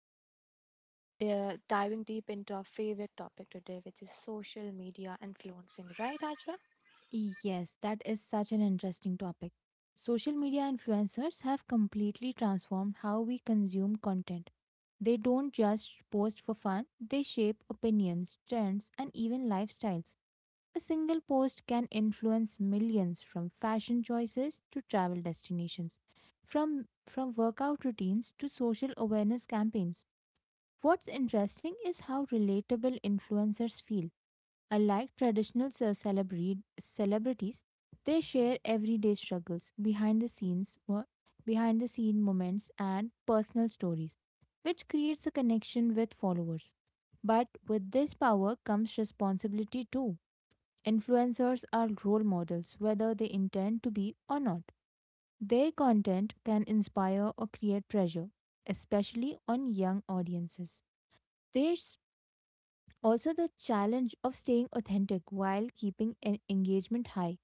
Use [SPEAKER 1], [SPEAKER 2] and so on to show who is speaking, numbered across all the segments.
[SPEAKER 1] Also, we are diving deep into our favorite topic today, which is social media influencing, right, Hajra?
[SPEAKER 2] Yes, that is such an interesting topic. Social media influencers have completely transformed how we consume content. They don't just post for fun, they shape opinions, trends, and even lifestyles. A single post can influence millions from fashion choices to travel destinations, from workout routines to social awareness campaigns. What's interesting is how relatable influencers feel. Unlike traditional celebrities, they share everyday struggles, behind the scenes, behind the scene moments, and personal stories, which creates a connection with followers. But with this power comes responsibility too. Influencers are role models, whether they intend to be or not. Their content can inspire or create pressure, especially on young audiences. There's also the challenge of staying authentic while keeping engagement high.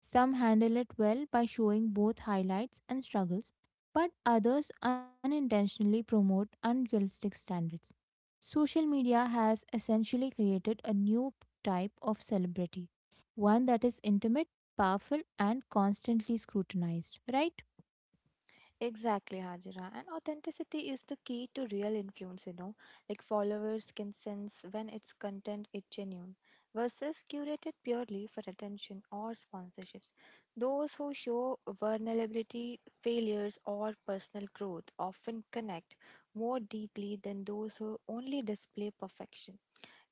[SPEAKER 2] Some handle it well by showing both highlights and struggles, but others unintentionally promote unrealistic standards. Social media has essentially created a new type of celebrity, one that is intimate, powerful, and constantly scrutinized, right?
[SPEAKER 1] Exactly, Hajira. And authenticity is the key to real influence, Like followers can sense when its content is genuine versus curated purely for attention or sponsorships. Those who show vulnerability, failures, or personal growth often connect more deeply than those who only display perfection.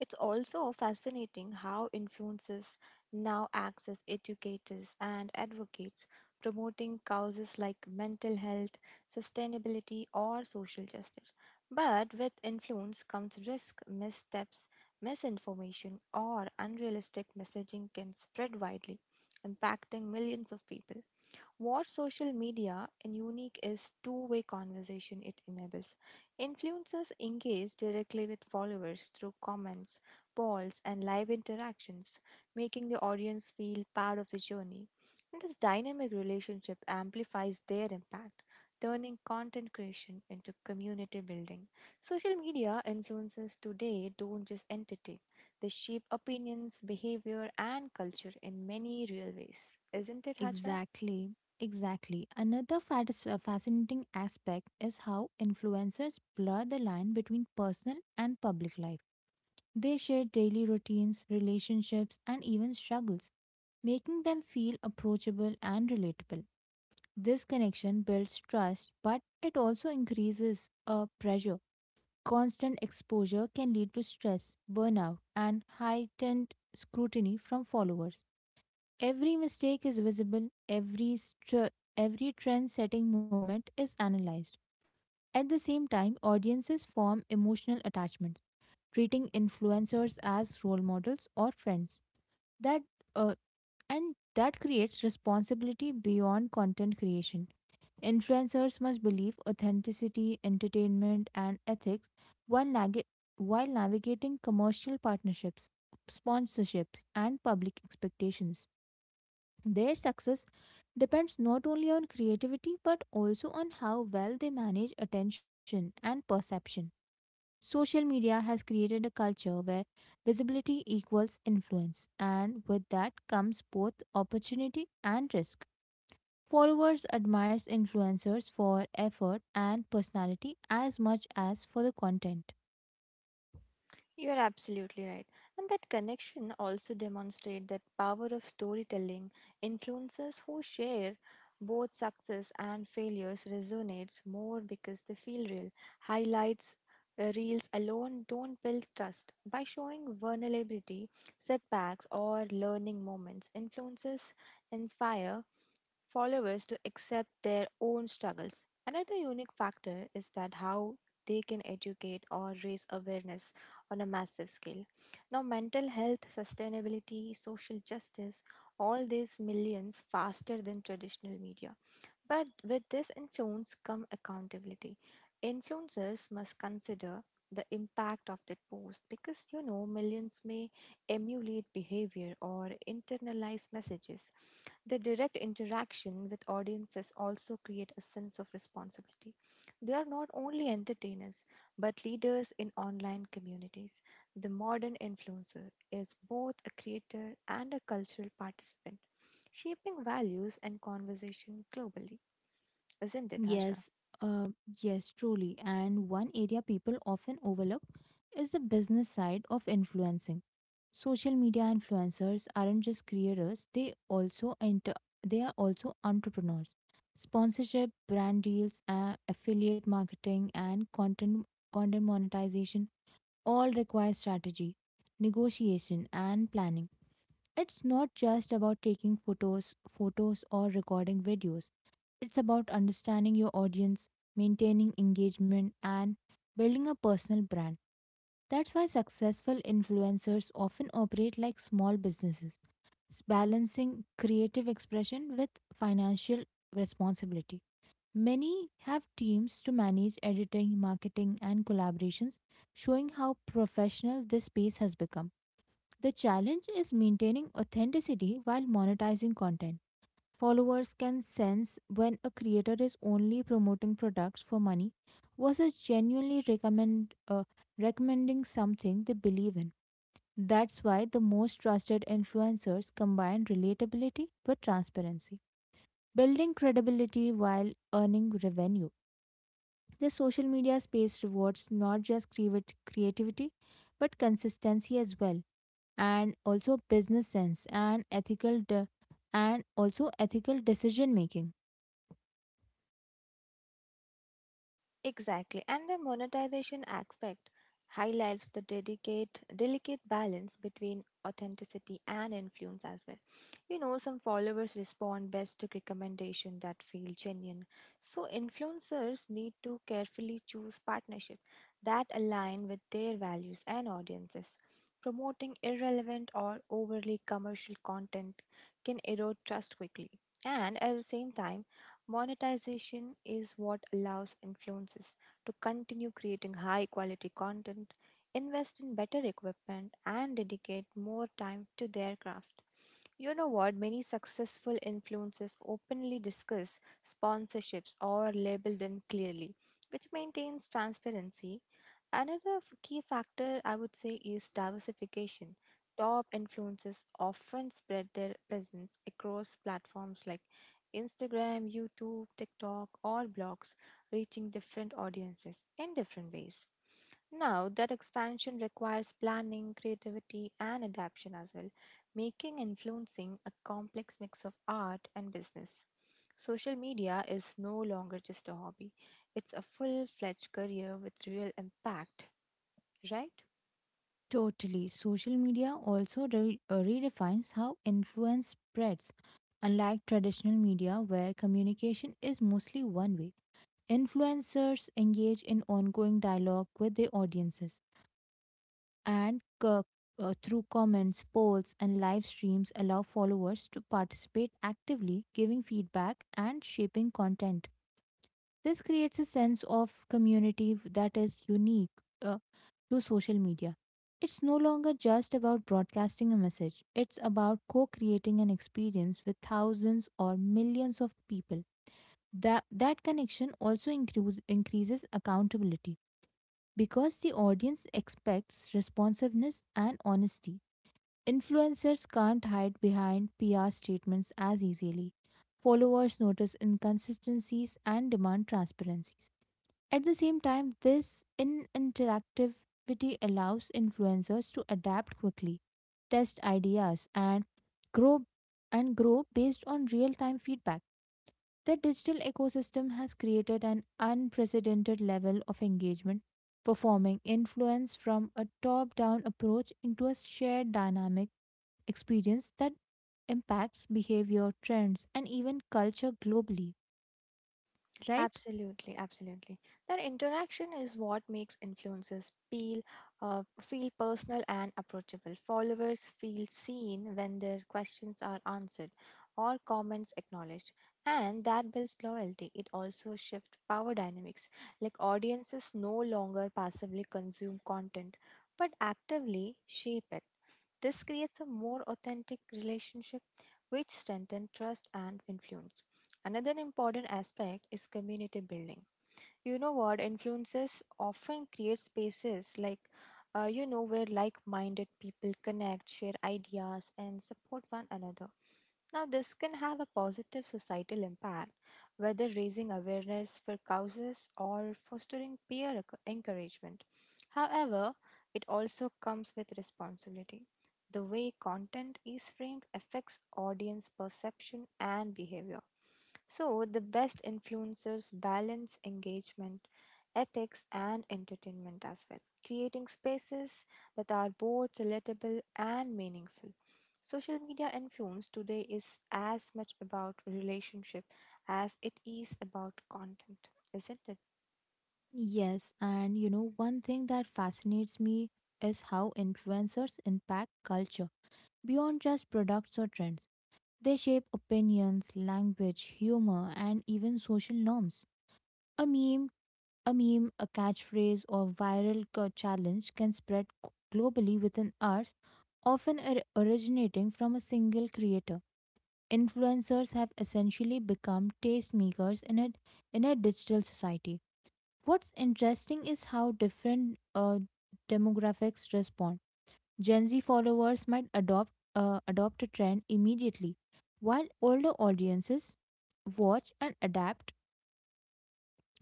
[SPEAKER 1] It's also fascinating how influencers now act as educators and advocates, promoting causes like mental health, sustainability, or social justice. But with influence comes risk, missteps, misinformation, or unrealistic messaging can spread widely, impacting millions of people. What social media and unique is two-way conversation it enables. Influencers engage directly with followers through comments, polls, and live interactions, making the audience feel part of the journey. And this dynamic relationship amplifies their impact, turning content creation into community building. Social media influencers today don't just entertain, they shape opinions, behavior, and culture in many real ways. Isn't it, Hajra?
[SPEAKER 2] Exactly. Exactly. Another fascinating aspect is how influencers blur the line between personal and public life. They share daily routines, relationships, and even struggles, making them feel approachable and relatable. This connection builds trust, but it also increases a pressure. Constant exposure can lead to stress, burnout, and heightened scrutiny from followers. Every mistake is visible, every trend setting moment is analyzed. At the same time, audiences form emotional attachments treating influencers as role models or friends. That uh, that creates responsibility beyond content creation. Influencers must believe authenticity, entertainment, and ethics while, nag- while navigating commercial partnerships, sponsorships, and public expectations. Their success depends not only on creativity but also on how well they manage attention and perception. Social media has created a culture where visibility equals influence, and with that comes both opportunity and risk. Followers admires influencers for effort and personality as much as for the content.
[SPEAKER 1] You are absolutely right. And that connection also demonstrates that power of storytelling. Influencers who share both success and failures resonates more because they feel real. Highlights reels alone don't build trust. By showing vulnerability, setbacks or learning moments, influencers inspire followers to accept their own struggles. Another unique factor is that how they can educate or raise awareness on a massive scale. Now, mental health, sustainability, social justice, all these millions faster than traditional media. But with this influence come accountability. Influencers must consider the impact of their post because you know millions may emulate behavior or internalize messages. The direct interaction with audiences also create a sense of responsibility. They are not only entertainers but leaders in online communities. The modern influencer is both a creator and a cultural participant shaping values and conversation globally, isn't it, Hajra?
[SPEAKER 2] Yes, uh, yes, truly. And one area people often overlook is the business side of influencing. Social media influencers aren't just creators; they are also entrepreneurs. Sponsorship, brand deals, affiliate marketing, and content monetization all require strategy, negotiation, and planning. It's not just about taking photos or recording videos. It's about understanding your audience, maintaining engagement and building a personal brand. That's why successful influencers often operate like small businesses, balancing creative expression with financial responsibility. Many have teams to manage editing, marketing, and collaborations, showing how professional this space has become. The challenge is maintaining authenticity while monetizing content. Followers can sense when a creator is only promoting products for money versus genuinely recommend recommending something they believe in. That's why the most trusted influencers combine relatability with transparency, building credibility while earning revenue. The social media space rewards not just creativity but consistency as well, and also business sense and also ethical decision making.
[SPEAKER 1] Exactly. And the monetization aspect highlights the delicate balance between authenticity and influence as well. You know, some followers respond best to recommendations that feel genuine. So influencers need to carefully choose partnerships that align with their values and audiences. Promoting irrelevant or overly commercial content can erode trust quickly. And at the same time, monetization is what allows influencers to continue creating high quality content, invest in better equipment, and dedicate more time to their craft. You know what? Many successful influencers openly discuss sponsorships or label them clearly, which maintains transparency. Another key factor I would say is diversification. Top influencers often spread their presence across platforms like Instagram, YouTube, TikTok, all blogs, reaching different audiences in different ways. Now, that expansion requires planning, creativity, and adaptation as well, making influencing a complex mix of art and business. Social media is no longer just a hobby, it's a full fledged career with real impact, right?
[SPEAKER 2] Totally. Social media also redefines how influence spreads. Unlike traditional media where communication is mostly one way, influencers engage in ongoing dialogue with their audiences, and co- through comments, polls, and live streams, allow followers to participate actively, giving feedback and shaping content. This creates a sense of community that is unique uh, to social media. It's no longer just about broadcasting a message, it's about co creating an experience with thousands or millions of people. That connection also increases accountability because the audience expects responsiveness and honesty. Influencers can't hide behind PR statements as easily. Followers notice inconsistencies and demand transparencies. At the same time, this in interactivity allows influencers to adapt quickly, test ideas, grow and grow based on real-time feedback. The digital ecosystem has created an unprecedented level of engagement, performing influence from a top-down approach into a shared dynamic experience that impacts behavior, trends, and even culture globally, right?
[SPEAKER 1] Absolutely, absolutely. That interaction is what makes influencers feel personal and approachable. Followers feel seen when their questions are answered or comments acknowledged, and that builds loyalty. It also shifts power dynamics, like audiences no longer passively consume content but actively shape it. This creates a more authentic relationship which strengthens trust and influence. Another important aspect is community building. You know what? Influences often create spaces like, you know, where like minded people connect, share ideas, and support one another. Now, this can have a positive societal impact, whether raising awareness for causes or fostering peer encouragement. However, it also comes with responsibility. The way content is framed affects audience perception and behavior. So, the best influencers balance engagement, ethics, and entertainment as well, creating spaces that are both relatable and meaningful. Social media influence today is as much about relationship as it is about content, isn't it?
[SPEAKER 2] Yes, and you know, one thing that fascinates me is how influencers impact culture beyond just products or trends. They shape opinions, language, humor, and even social norms. A meme, a meme, a catchphrase, or viral challenge can spread globally within hours, often originating from a single creator. Influencers have essentially become tastemakers in a digital society. What's interesting is how different demographics respond. Gen Z followers might adopt a trend immediately, while older audiences watch and adapt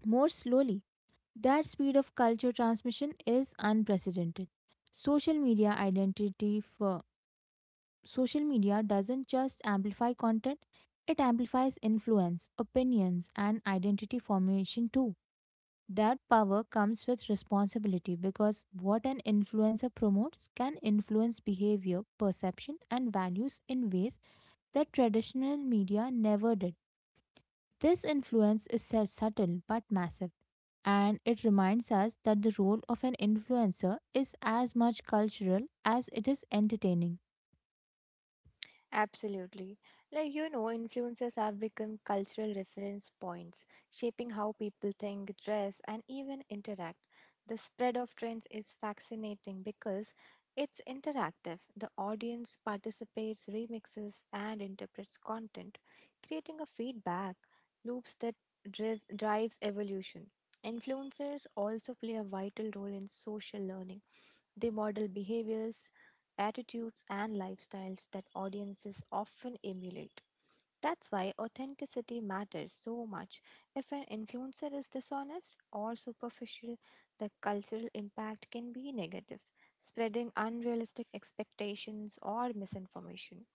[SPEAKER 2] more slowly. That speed of culture transmission is unprecedented. Social media identity for Social media doesn't just amplify content, it amplifies influence, opinions, and identity formation too. That power comes with responsibility because what an influencer promotes can influence behavior, perception, and values in ways that traditional media never did. This influence is subtle but massive, and it reminds us that the role of an influencer is as much cultural as it is entertaining.
[SPEAKER 1] Absolutely. Like, you know, influencers have become cultural reference points, shaping how people think, dress, and even interact. The spread of trends is fascinating because it's interactive. The audience participates, remixes, and interprets content, creating a feedback loops that drives evolution. Influencers also play a vital role in social learning, they model behaviors, attitudes, and lifestyles that audiences often emulate. That's why authenticity matters so much. If an influencer is dishonest or superficial, the cultural impact can be negative, spreading unrealistic expectations or misinformation.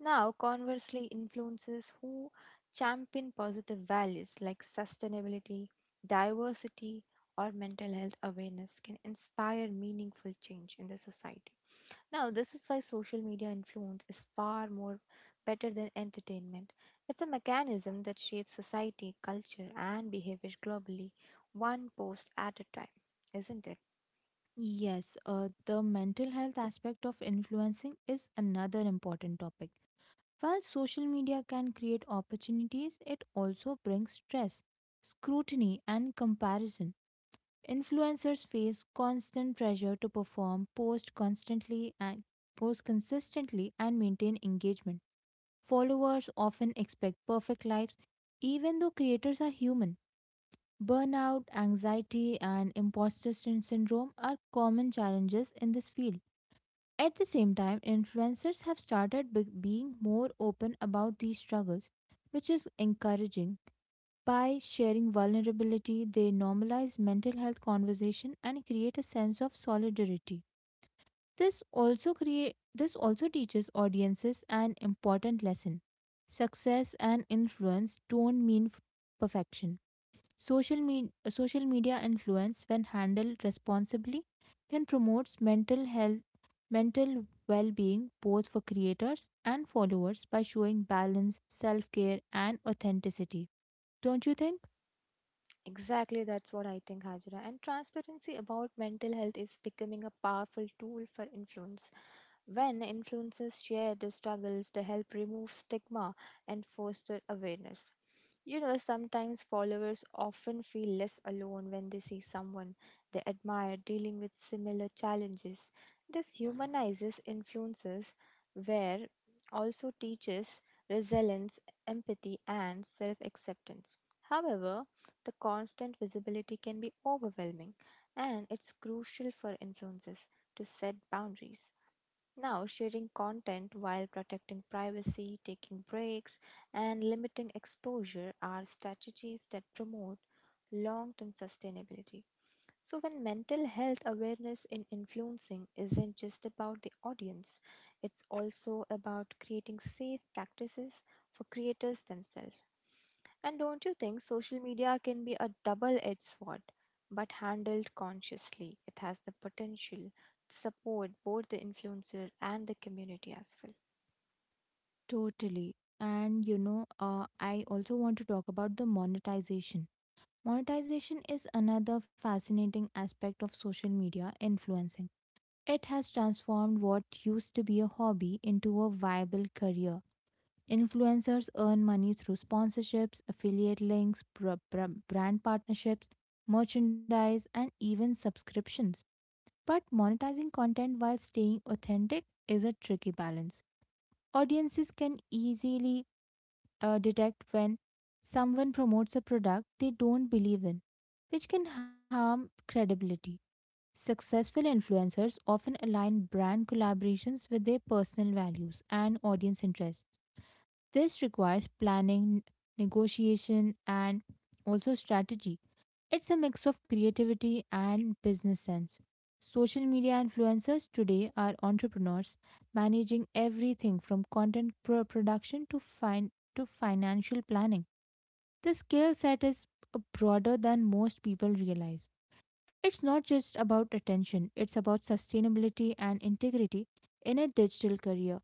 [SPEAKER 1] Now, conversely, influencers who champion positive values like sustainability, diversity, or mental health awareness can inspire meaningful change in the society. Now, this is why social media influence is far more better than entertainment. It's a mechanism that shapes society, culture, and behavior globally, one post at a time, isn't it?
[SPEAKER 2] Yes, the mental health aspect of influencing is another important topic. While social media can create opportunities, it also brings stress, scrutiny, and comparison. Influencers face constant pressure to perform, post consistently and maintain engagement. Followers often expect perfect lives even though creators are human. Burnout, anxiety, and imposter syndrome are common challenges in this field. At the same time, influencers have being more open about these struggles, which is encouraging. By sharing vulnerability, they normalize mental health conversation and create a sense of solidarity. This also create this also teaches audiences an important lesson. Success and influence don't mean perfection. Social media influence, when handled responsibly, can promote mental well-being both for creators and followers by showing balance, self-care, and authenticity. Don't you think?
[SPEAKER 1] Exactly, that's what I think, Hajra. And transparency about mental health is becoming a powerful tool for influence. When influencers share their struggles, they help remove stigma and foster awareness. You know, sometimes followers often feel less alone when they see someone they admire dealing with similar challenges. This humanizes influencers, where also teaches resilience, empathy, and self acceptance. However, the constant visibility can be overwhelming, and it's crucial for influencers to set boundaries, now, sharing content while protecting privacy, taking breaks, and limiting exposure are strategies that promote long term sustainability. So, when mental health awareness in influencing isn't just about the audience, it's also about creating safe practices for creators themselves. And don't you think social media can be a double edged sword? But handled consciously, it has the potential to support both the influencer and the community as well.
[SPEAKER 2] Totally. And you know, I also want to talk about the monetization. Monetization is another fascinating aspect of social media influencing. It has transformed what used to be a hobby into a viable career. Influencers earn money through sponsorships, affiliate links, brand partnerships, merchandise, and even subscriptions. But monetizing content while staying authentic is a tricky balance. Audiences can easily detect when someone promotes a product they don't believe in, which can harm credibility. Successful influencers often align brand collaborations with their personal values and audience interests. This requires planning, negotiation, and also strategy. It's a mix of creativity and business sense. Social media influencers today are entrepreneurs managing everything from content production to to financial planning. The skill set is broader than most people realize. It's not just about attention, it's about sustainability and integrity in a digital career.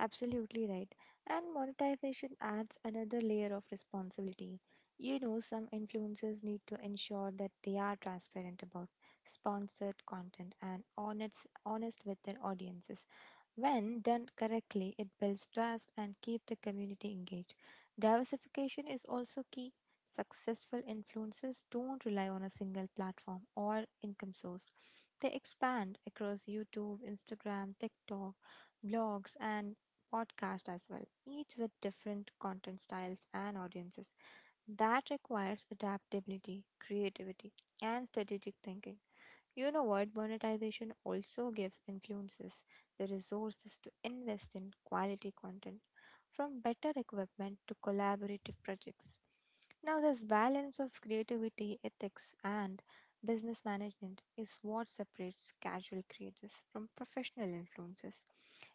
[SPEAKER 1] Absolutely right. And monetization adds another layer of responsibility. You know, some influencers need to ensure that they are transparent about sponsored content and honest with their audiences. When done correctly, it builds trust and keeps the community engaged. Diversification is also key. Successful influencers don't rely on a single platform or income source. They expand across YouTube, Instagram, TikTok, blogs, and podcast as well, each with different content styles and audiences. That requires adaptability, creativity, and strategic thinking. You know what? Monetization also gives influencers the resources to invest in quality content, from better equipment to collaborative projects. Now, this balance of creativity, ethics, and business management is what separates casual creators from professional influencers.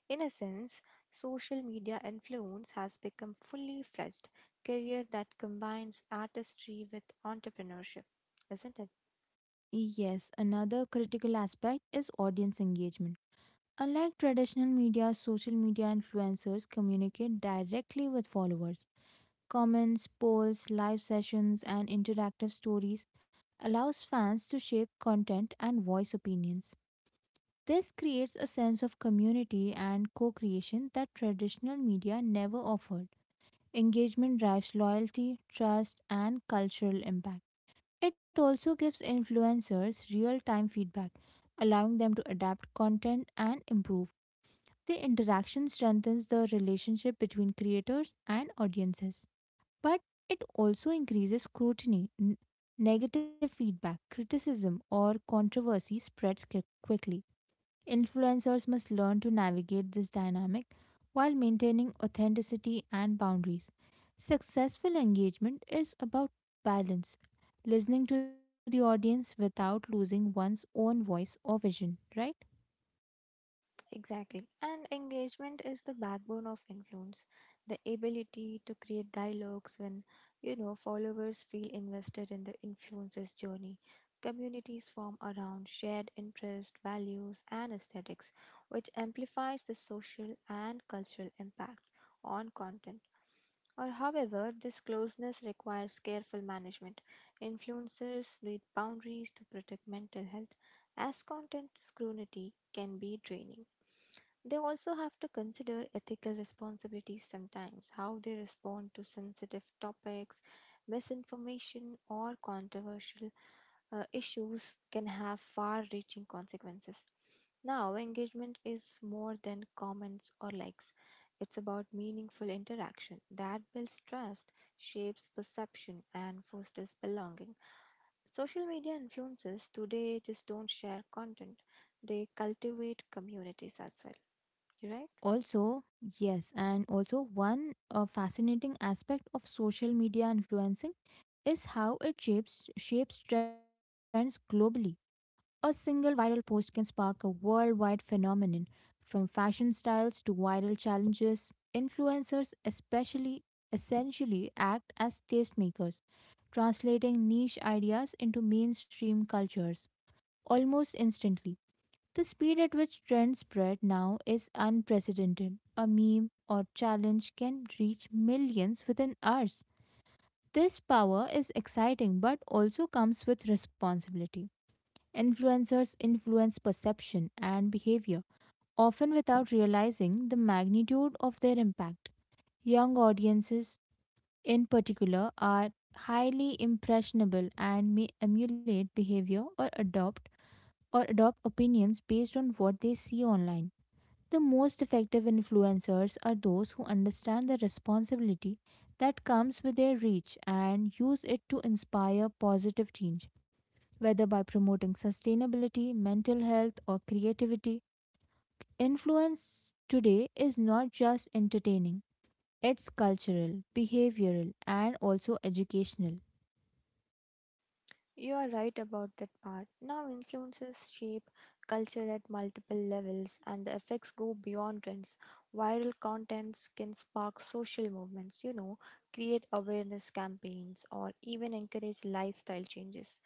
[SPEAKER 1] In a sense, social media influence has become fully fledged career that combines artistry with entrepreneurship, isn't it?
[SPEAKER 2] Yes, another critical aspect is audience engagement. Unlike traditional media, social media influencers communicate directly with followers. Comments, polls, live sessions, and interactive stories allows fans to shape content and voice opinions. This creates a sense of community and co-creation that traditional media never offered. Engagement drives loyalty, trust, and cultural impact. It also gives influencers real time feedback, allowing them to adapt content and improve. The interaction strengthens the relationship between creators and audiences. But it also increases scrutiny. Negative feedback, criticism, or controversy spreads quickly. Influencers must learn to navigate this dynamic while maintaining authenticity and boundaries. Successful engagement is about balance, listening to the audience without losing one's own voice or vision, right?
[SPEAKER 1] Exactly. And engagement is the backbone of influence. The ability to create dialogues when, you know, followers feel invested in the influencer's journey. Communities form around shared interests, values, and aesthetics, which amplifies the social and cultural impact on content. Or, however, this closeness requires careful management. Influencers need boundaries to protect mental health, as content scrutiny can be draining. They also have to consider ethical responsibilities sometimes, how they respond to sensitive topics, misinformation, or controversial issues can have far reaching consequences. Now, engagement is more than comments or likes. It's about meaningful interaction that builds trust, shapes perception, and fosters belonging. Social media influencers today just don't share content, they cultivate communities as well, right.
[SPEAKER 2] Also, yes, and also one fascinating aspect of social media influencing is how it shapes trends globally. A single viral post can spark a worldwide phenomenon, from fashion styles to viral challenges. Essentially act as tastemakers, translating niche ideas into mainstream cultures almost instantly. The speed at which trends spread now is unprecedented. A meme or challenge can reach millions within hours. This power is exciting but also comes with responsibility. Influencers influence perception and behavior, often without realizing the magnitude of their impact. Young audiences, in particular, are highly impressionable and may emulate behavior or adopt opinions based on what they see online. The most effective influencers are those who understand the responsibility that comes with their reach and use it to inspire positive change whether by promoting sustainability, mental health, or creativity. Influence today is not just entertaining, it's cultural, behavioral, and also educational.
[SPEAKER 1] You are right about that part. Now, influences shape culture at multiple levels, and the effects go beyond trends. Viral contents can spark social movements, you know, create awareness campaigns, or even encourage lifestyle changes.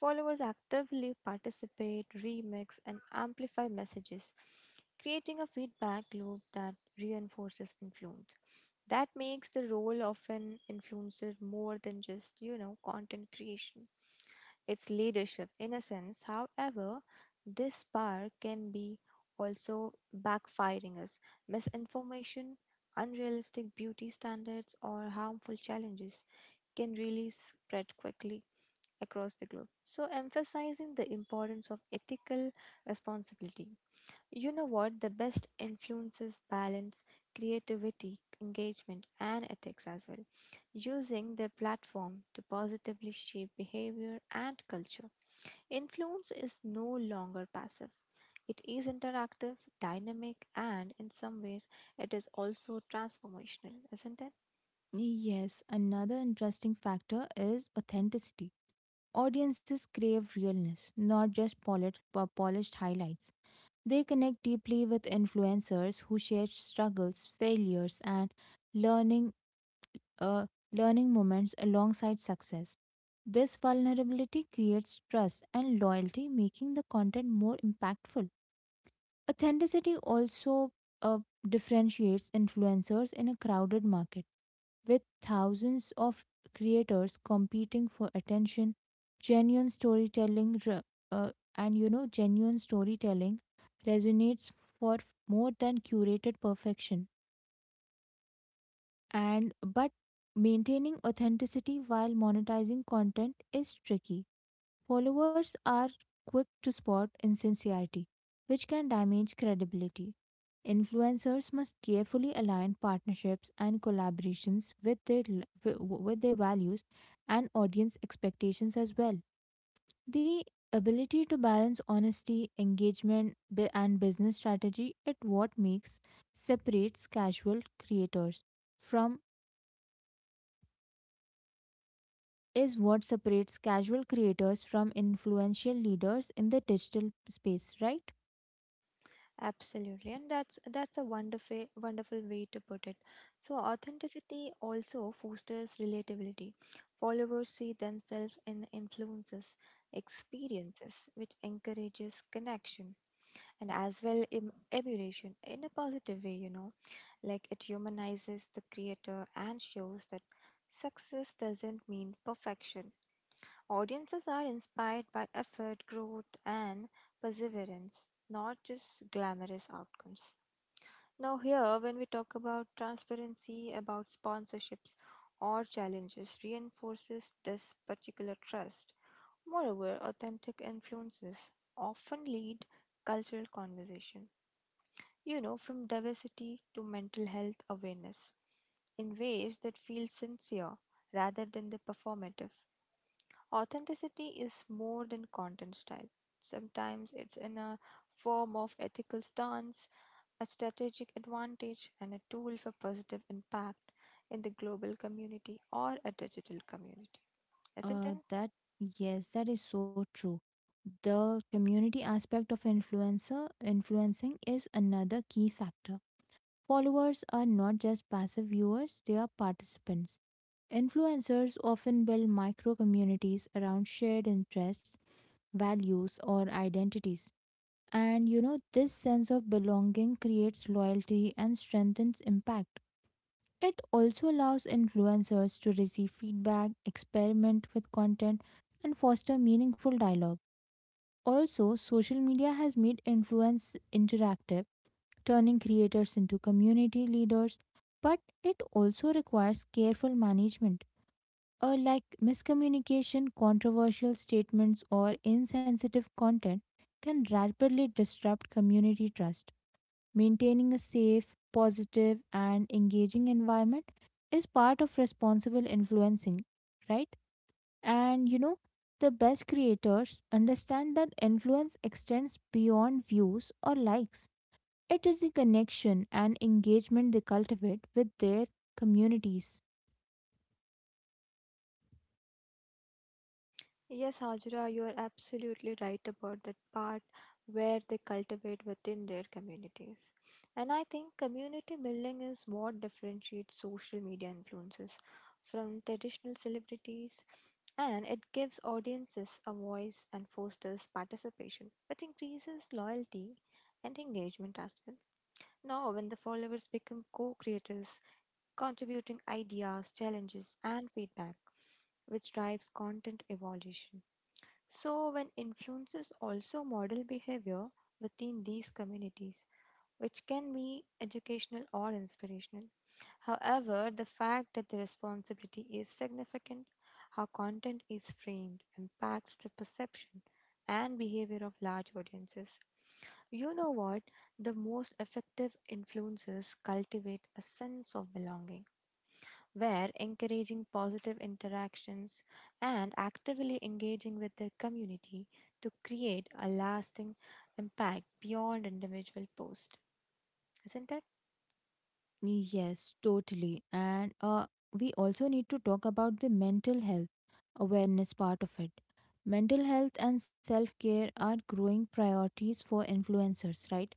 [SPEAKER 1] Followers actively participate, remix, and amplify messages, creating a feedback loop that reinforces influence. That makes the role of an influencer more than just, you know, content creation. It's leadership. In a sense, however, this power can be also backfiring us. Misinformation, unrealistic beauty standards, or harmful challenges can really spread quickly across the globe. So, emphasizing the importance of ethical responsibility. You know what? The best influences balance creativity, engagement, and ethics as well, using their platform to positively shape behavior and culture. Influence is no longer passive. It is interactive, dynamic, and in some ways, it is also transformational, isn't it?
[SPEAKER 2] Yes, another interesting factor is authenticity. Audiences crave realness, not just polished highlights. They connect deeply with influencers who share struggles, failures, and learning uh, learning moments alongside success. This vulnerability creates trust and loyalty, making the content more impactful. Authenticity also uh, differentiates influencers in a crowded market. With thousands of creators competing for attention, genuine storytelling re- uh, and you know genuine storytelling resonates for more than curated perfection, and but maintaining authenticity while monetizing content is tricky. Followers are quick to spot insincerity, which can damage credibility. Influencers must carefully align partnerships and collaborations with their with their values and audience expectations as well. The ability to balance honesty, engagement, and business strategy is what makes separates casual creators from is what separates casual creators from influential leaders in the digital space, right?
[SPEAKER 1] Absolutely, and that's a wonderful way to put it. So authenticity also fosters relatability. Followers see themselves in influences, experiences, which encourages connection and as well emulation in a positive way. You know, like it humanizes the creator and shows that success doesn't mean perfection. Audiences are inspired by effort, growth, and perseverance, not just glamorous outcomes. Now, here, when we talk about transparency, about sponsorships or challenges, reinforces this particular trust. Moreover, authentic influences often lead cultural conversation, you know, from diversity to mental health awareness in ways that feel sincere rather than the performative. Authenticity is more than content style. Sometimes it's in a form of ethical stance, a strategic advantage, and a tool for positive impact in the global community or a digital community. Isn't it?
[SPEAKER 2] That Yes, that is so true. The community aspect of influencer influencing is another key factor. Followers are not just passive viewers, they are participants. Influencers often build micro communities around shared interests, values, or identities. And you know, this sense of belonging creates loyalty and strengthens impact. It also allows influencers to receive feedback, experiment with content, and foster meaningful dialogue. Also, social media has made influence interactive, turning creators into community leaders, but it also requires careful management. Like miscommunication, controversial statements, or insensitive content can rapidly disrupt community trust. Maintaining a safe, positive, and engaging environment is part of responsible influencing, right? And you know, the best creators understand that influence extends beyond views or likes. It is the connection and engagement they cultivate with their communities.
[SPEAKER 1] Yes, Hajra, you are absolutely right about that part where they cultivate within their communities. And I think community building is what differentiates social media influences from traditional celebrities, and it gives audiences a voice and fosters participation, which increases loyalty and engagement as well. Now, when the followers become co creators, contributing ideas, challenges, and feedback which drives content evolution. So, when influencers also model behavior within these communities, which can be educational or inspirational. However, the fact that the responsibility is significant, how content is framed, impacts the perception and behavior of large audiences. You know what? The most effective influencers cultivate a sense of belonging where encouraging positive interactions and actively engaging with their community to create a lasting impact beyond individual post, isn't it?
[SPEAKER 2] Yes, totally. And we also need to talk about the mental health awareness part of it. Mental health and self care are growing priorities for influencers, right?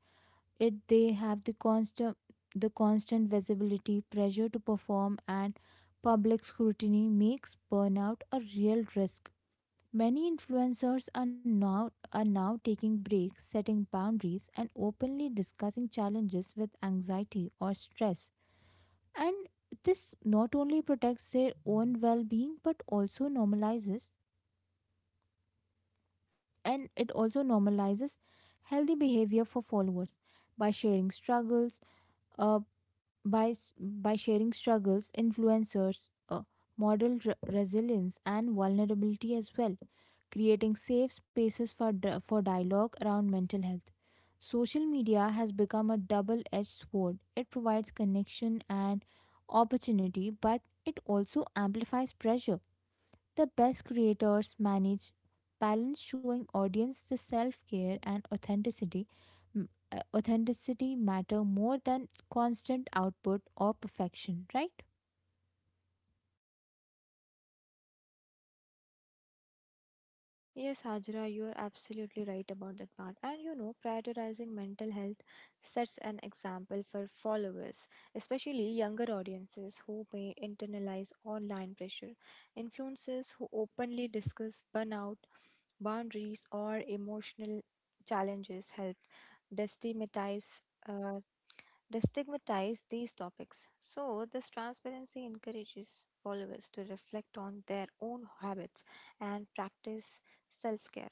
[SPEAKER 2] It they have the constant The constant visibility, pressure to perform, and public scrutiny makes burnout a real risk. Many influencers are now taking breaks, setting boundaries, and openly discussing challenges with anxiety or stress. And this not only protects their own well being but also normalizes and it also normalizes healthy behavior for followers by sharing uh, by s- by sharing struggles influencers uh, model resilience and vulnerability as well, creating safe spaces for for dialogue around mental health. Social media has become a double edged sword. It provides connection and opportunity, but it also amplifies pressure. The best creators manage, balance, showing audience the self-care and authenticity matter more than constant output or perfection, right?
[SPEAKER 1] Yes, Hajra, you are absolutely right about that part. And you know, prioritizing mental health sets an example for followers, especially younger audiences who may internalize online pressure. Influencers who openly discuss burnout, boundaries, or emotional challenges help destigmatize, uh, destigmatize these topics. So this transparency encourages followers to reflect on their own habits and practice self-care.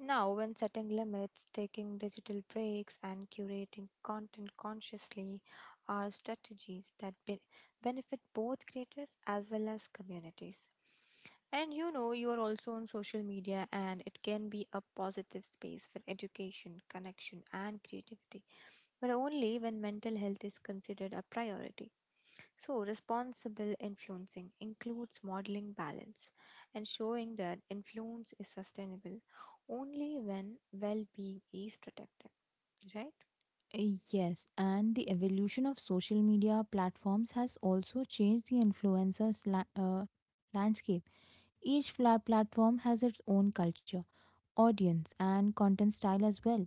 [SPEAKER 1] Now, when setting limits, taking digital breaks, and curating content consciously are strategies that benefit both creators as well as communities. And you know, you are also on social media, and it can be a positive space for education, connection, and creativity, but only when mental health is considered a priority. So, responsible influencing includes modeling balance and showing that influence is sustainable only when well being is protected, right?
[SPEAKER 2] Yes, and the evolution of social media platforms has also changed the influencers' landscape. Each flat platform has its own culture, audience, and content style as well.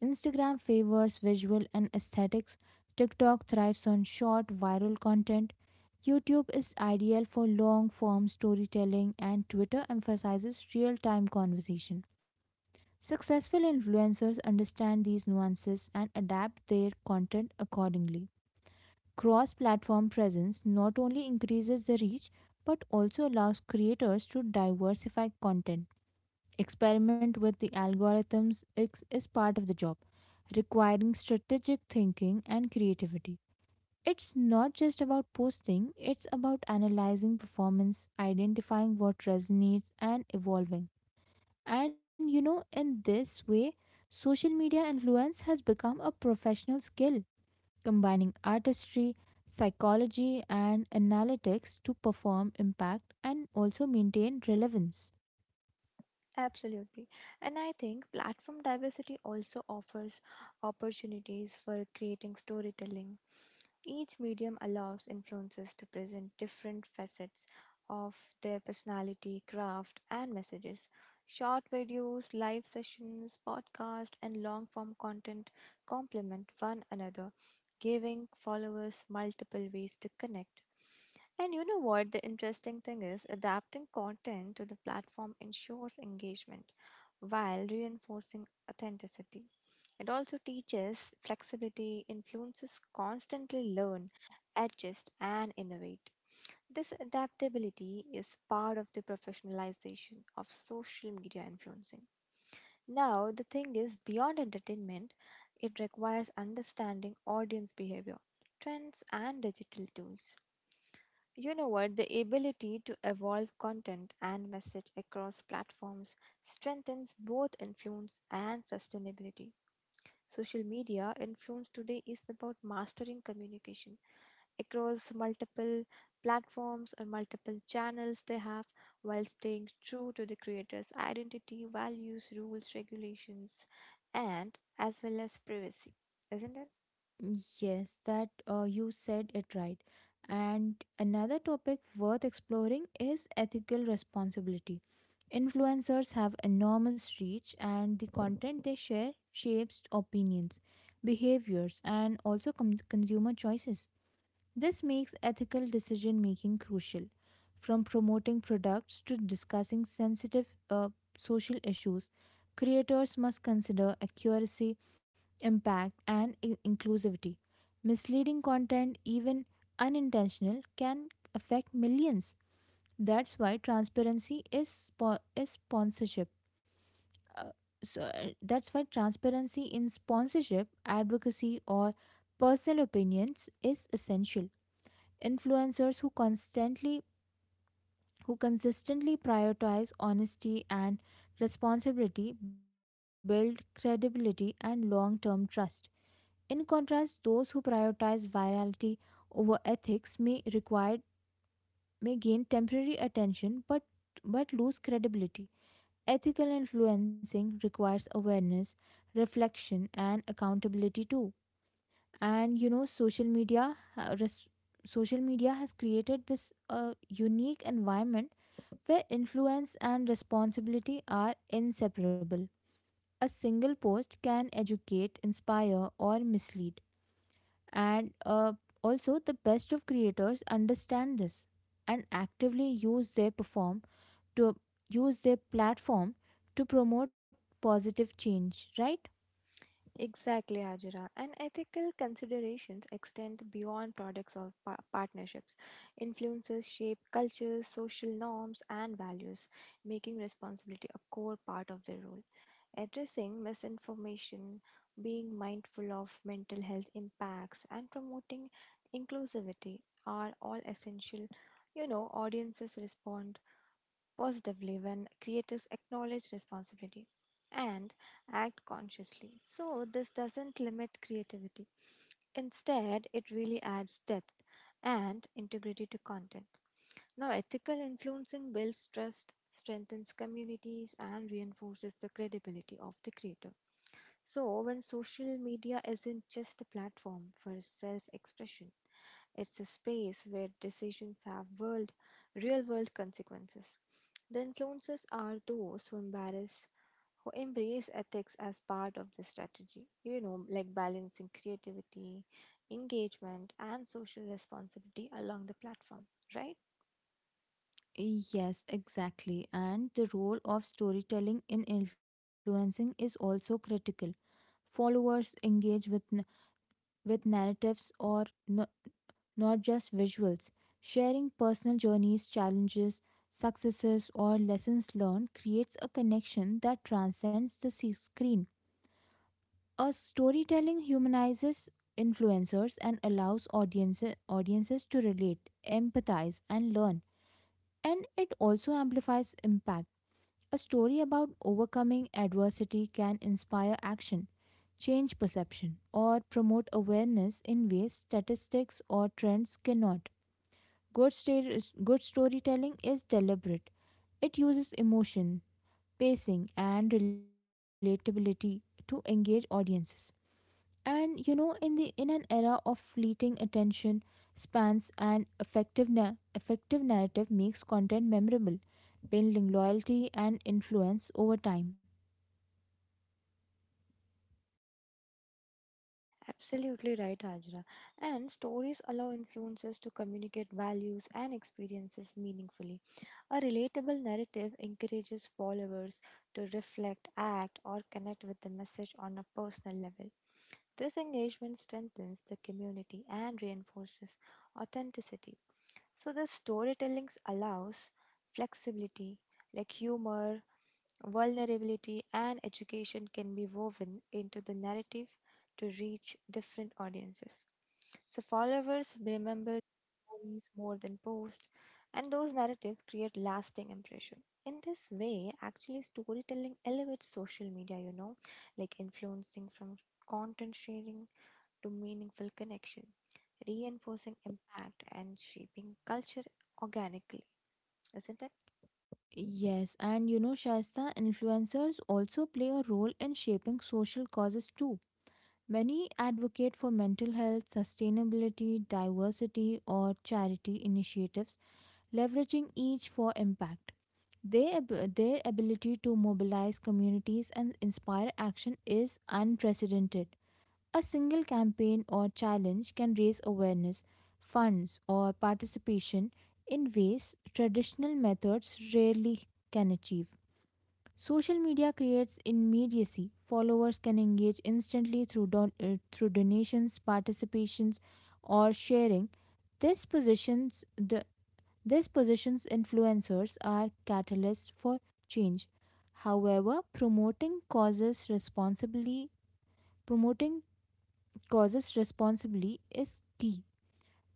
[SPEAKER 2] Instagram favors visual and aesthetics, TikTok thrives on short viral content, YouTube is ideal for long form storytelling, and Twitter emphasizes real time conversation. Successful influencers understand these nuances and adapt their content accordingly. Cross platform presence not only increases the reach but also allows creators to diversify content. Experiment with the algorithms is part of the job, requiring strategic thinking and creativity. It's not just about posting, it's about analyzing performance, identifying what resonates, and evolving. And you know, in this way, social media influence has become a professional skill, combining artistry, psychology, and analytics to perform impact and also maintain relevance.
[SPEAKER 1] Absolutely. And I think platform diversity also offers opportunities for creating storytelling. Each medium allows influencers to present different facets of their personality, craft, and messages. Short videos, live sessions, podcasts, and long form content complement one another, giving followers multiple ways to connect. And you know what? The interesting thing is, adapting content to the platform ensures engagement while reinforcing authenticity. It also teaches flexibility. Influencers constantly learn, adjust, and innovate. This adaptability is part of the professionalization of social media influencing. Now, the thing is, beyond entertainment, it requires understanding audience behavior, trends, and digital tools. You know what? The ability to evolve content and message across platforms strengthens both influence and sustainability. Social media influence today is about mastering communication across multiple platforms or multiple channels they have, while staying true to the creator's identity, values, rules, regulations, and as well as privacy, isn't it?
[SPEAKER 2] Yes, that you said it right. And another topic worth exploring is ethical responsibility. Influencers have enormous reach, and the content they share shapes opinions, behaviors, and also consumer choices. This makes ethical decision making crucial. From promoting products to discussing sensitive social issues, creators must consider accuracy, impact, and inclusivity. Misleading content, even unintentional, can affect millions. That's why transparency is, spo- is sponsorship. Uh, so, that's why transparency in sponsorship, advocacy, or personal opinions is essential. Influencers who consistently prioritize honesty and responsibility build credibility and long-term trust. In contrast, those who prioritize virality over ethics may gain temporary attention but lose credibility. Ethical influencing requires awareness, reflection and accountability too. And you know, social media has created this unique environment where influence and responsibility are inseparable. A single post can educate, inspire or mislead. And also the best of creators understand this and actively to use their platform to promote positive change, right?
[SPEAKER 1] Exactly, Hajira. And ethical considerations extend beyond products of partnerships. Influences shape cultures, social norms, and values, making responsibility a core part of their role. Addressing misinformation, being mindful of mental health impacts, and promoting inclusivity are all essential. You know, audiences respond positively when creators acknowledge responsibility and act consciously. So, this doesn't limit creativity. Instead, it really adds depth and integrity to content. Now, ethical influencing builds trust, strengthens communities, and reinforces the credibility of the creator. So, when social media isn't just a platform for self expression, it's a space where decisions have world, real world consequences. The influencers are those who embrace, who embrace ethics as part of the strategy. You know, like balancing creativity, engagement, and social responsibility along the platform, right?
[SPEAKER 2] Yes, exactly. And the role of storytelling in influencing is also critical. Followers engage with narratives n- not just visuals. Sharing personal journeys, challenges, successes, or lessons learned creates a connection that transcends the screen. A storytelling humanizes influencers and allows audiences to relate, empathize, and learn. And it also amplifies impact. A story about overcoming adversity can inspire action, change perception, or promote awareness in ways statistics or trends cannot. Good storytelling is deliberate, it uses emotion, pacing, and relatability to engage audiences. And you know, in an era of fleeting attention spans and effective narrative makes content memorable, building loyalty and influence over time.
[SPEAKER 1] Absolutely right, Hajra. And stories allow influencers to communicate values and experiences meaningfully. A relatable narrative encourages followers to reflect, act, or connect with the message on a personal level. This engagement strengthens the community and reinforces authenticity. So, the storytelling allows flexibility, like humor, vulnerability, and education can be woven into the narrative to reach different audiences. So, followers remember stories more than posts, and those narratives create lasting impression. In this way, actually, storytelling elevates social media, you know, like influencing from content sharing to meaningful connection, reinforcing impact and shaping culture organically, isn't it?
[SPEAKER 2] Yes, and you know, Shaista, influencers also play a role in shaping social causes too. Many advocate for mental health, sustainability, diversity, or charity initiatives, leveraging each for impact. Their ability to mobilize communities and inspire action is unprecedented. A single campaign or challenge can raise awareness, funds, or participation in ways traditional methods rarely can achieve. Social media creates immediacy. Followers can engage instantly through, through donations, participations, or sharing. This positions the this positions influencers are catalysts for change. However, promoting causes responsibly is key.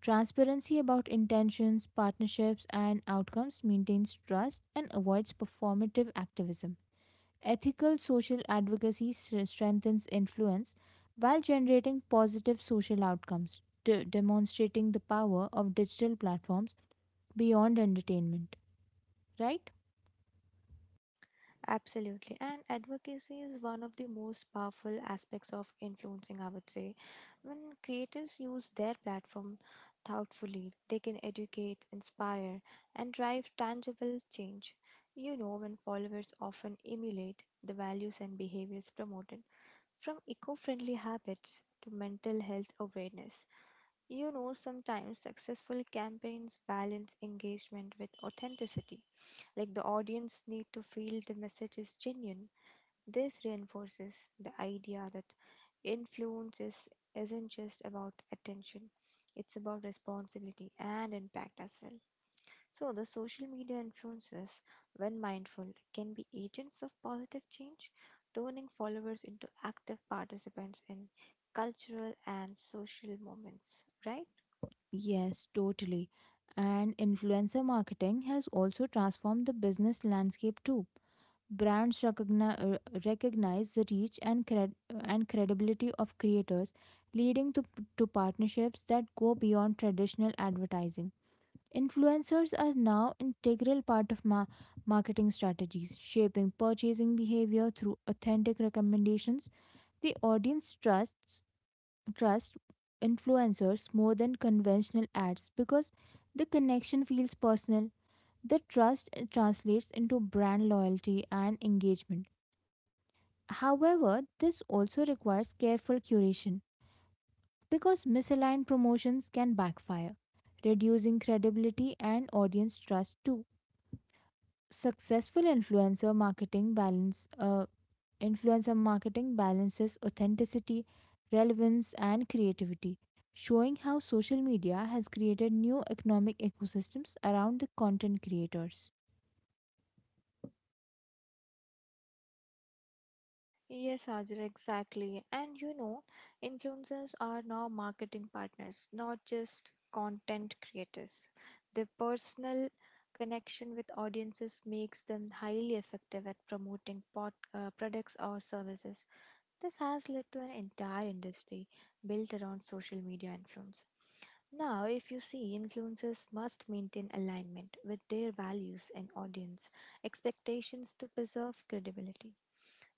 [SPEAKER 2] Transparency about intentions, partnerships and outcomes maintains trust and avoids performative activism. Ethical social advocacy strengthens influence while generating positive social outcomes, demonstrating the power of digital platforms beyond entertainment, right?
[SPEAKER 1] Absolutely. And advocacy is one of the most powerful aspects of influencing, I would say. When creatives use their platform thoughtfully, they can educate, inspire, and drive tangible change. You know, when followers often emulate the values and behaviors promoted, from eco friendly habits to mental health awareness. You know, sometimes successful campaigns balance engagement with authenticity. Like the audience need to feel the message is genuine. This reinforces the idea that influence is, isn't just about attention, it's about responsibility and impact as well. So, the social media influencers, when mindful, can be agents of positive change, turning followers into active participants in cultural and social moments, right?
[SPEAKER 2] Yes, totally. And influencer marketing has also transformed the business landscape too. Brands recognize the reach and credibility of creators, leading to partnerships that go beyond traditional advertising. Influencers are now integral part of marketing strategies, shaping purchasing behavior through authentic recommendations the audience trust influencers more than conventional ads because the connection feels personal. The trust translates into brand loyalty and engagement. However, this also requires careful curation because misaligned promotions can backfire, reducing credibility and audience trust too. Successful influencer marketing balances authenticity, relevance and creativity, showing how social media has created new economic ecosystems around the content creators.
[SPEAKER 1] Yes, Ajra, exactly. And you know, influencers are now marketing partners, not just content creators. Their personal connection with audiences makes them highly effective at promoting products or services. This has led to an entire industry built around social media influence. Now, if you see, influencers must maintain alignment with their values and audience expectations to preserve credibility.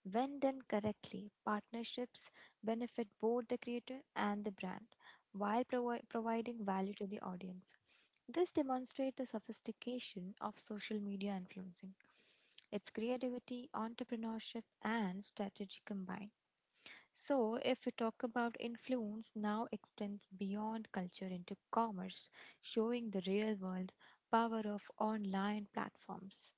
[SPEAKER 1] When done correctly, partnerships benefit both the creator and the brand while providing value to the audience. This demonstrates the sophistication of social media influencing, its creativity, entrepreneurship, and strategy combined. So, if we talk about influence, now extends beyond culture into commerce, showing the real world power of online platforms.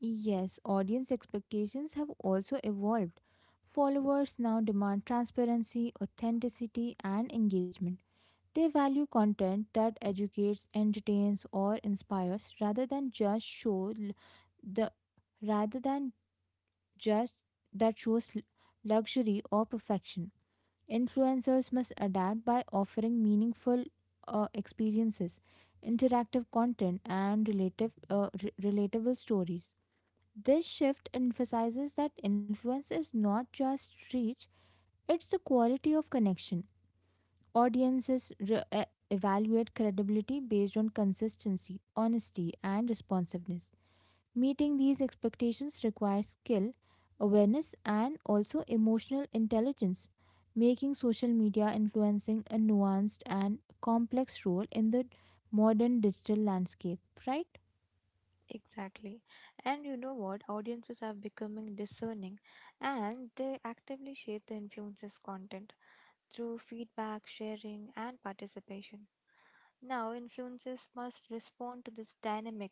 [SPEAKER 2] Yes, audience expectations have also evolved. Followers now demand transparency, authenticity, and engagement. They value content that educates, entertains, or inspires rather than just show l- the rather than just that shows l- luxury or perfection. Influencers must adapt by offering meaningful experiences, interactive content, and relatable stories. This shift emphasizes that influence is not just reach, it's the quality of connection. Audiences evaluate credibility based on consistency, honesty, and responsiveness. Meeting these expectations requires skill, awareness, and also emotional intelligence, making social media influencing a nuanced and complex role in the modern digital landscape, right?
[SPEAKER 1] Exactly. And you know what? Audiences are becoming discerning and they actively shape the influencer's content through feedback, sharing, and participation. Now, influencers must respond to this dynamic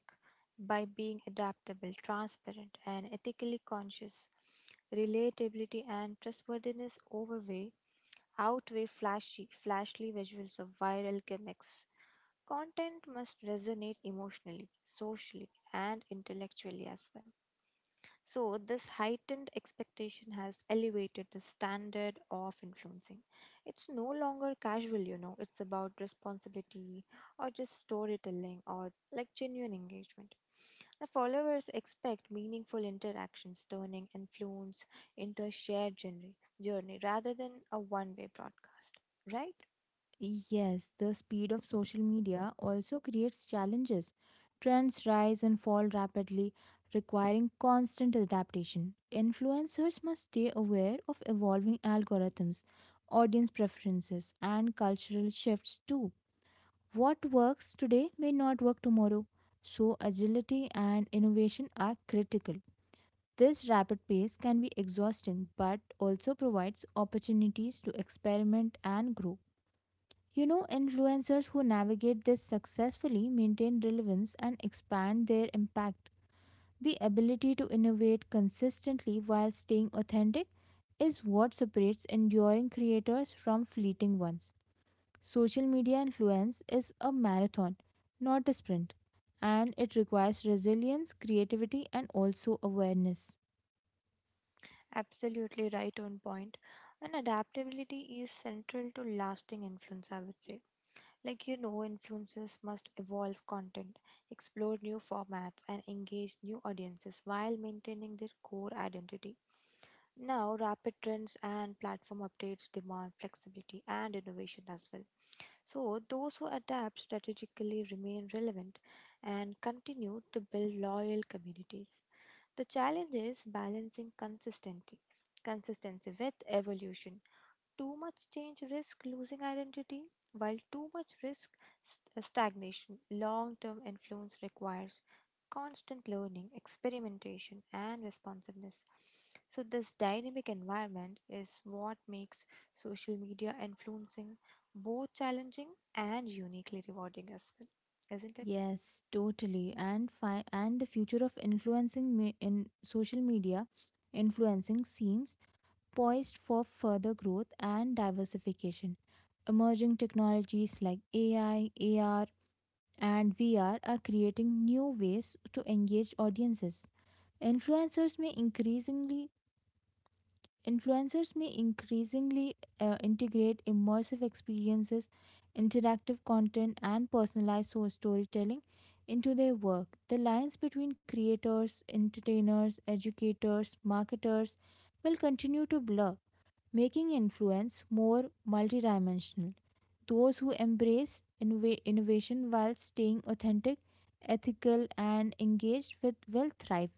[SPEAKER 1] by being adaptable, transparent, and ethically conscious. Relatability and trustworthiness overweigh, outweigh flashy, flashly visuals of viral gimmicks. Content must resonate emotionally, socially, and intellectually as well. So, this heightened expectation has elevated the standard of influencing. It's no longer casual, you know, it's about responsibility or just storytelling or like genuine engagement. The followers expect meaningful interactions, turning influence into a shared journey rather than a one way broadcast, right?
[SPEAKER 2] Yes, the speed of social media also creates challenges. Trends rise and fall rapidly, requiring constant adaptation. Influencers must stay aware of evolving algorithms, audience preferences, and cultural shifts too. What works today may not work tomorrow, so agility and innovation are critical. This rapid pace can be exhausting but also provides opportunities to experiment and grow. You know, influencers who navigate this successfully maintain relevance and expand their impact. The ability to innovate consistently while staying authentic is what separates enduring creators from fleeting ones. Social media influence is a marathon, not a sprint, and it requires resilience, creativity, and also awareness.
[SPEAKER 1] Absolutely right on point. And adaptability is central to lasting influence, I would say. Like, you know, influencers must evolve content, explore new formats, and engage new audiences while maintaining their core identity. Now, rapid trends and platform updates demand flexibility and innovation as well. So, those who adapt strategically remain relevant and continue to build loyal communities. The challenge is balancing consistency with evolution. Too much change risk losing identity, while too much risk stagnation. Long-term influence requires constant learning, experimentation, and responsiveness. So this dynamic environment is what makes social media influencing both challenging and uniquely rewarding as well, isn't it?
[SPEAKER 2] Yes, totally. And the future of influencing me- in social media influencing seems poised for further growth and diversification. Emerging technologies like AI, AR, and VR are creating new ways to engage audiences. Influencers may increasingly Influencers may increasingly integrate immersive experiences, interactive content, and personalized source storytelling into their work. The lines between creators, entertainers, educators, marketers will continue to blur, making influence more multidimensional. Those who embrace innovation while staying authentic, ethical, and engaged with will thrive.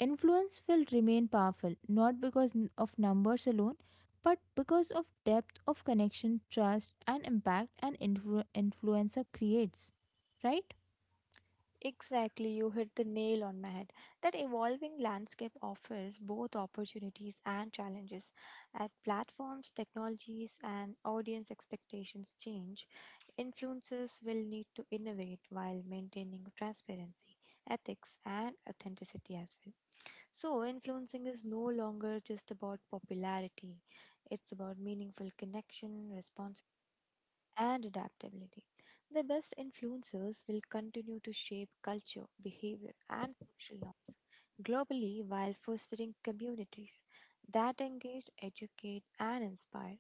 [SPEAKER 2] Influence will remain powerful not because of numbers alone, but because of depth of connection, trust, and impact an influencer creates. Right?
[SPEAKER 1] Exactly, you hit the nail on my head. That evolving landscape offers both opportunities and challenges. As platforms, technologies, and audience expectations change, influencers will need to innovate while maintaining transparency, ethics, and authenticity as well. So, influencing is no longer just about popularity, it's about meaningful connection, responsibility and adaptability. The best influencers will continue to shape culture, behavior, and social norms globally while fostering communities that engage, educate, and inspire.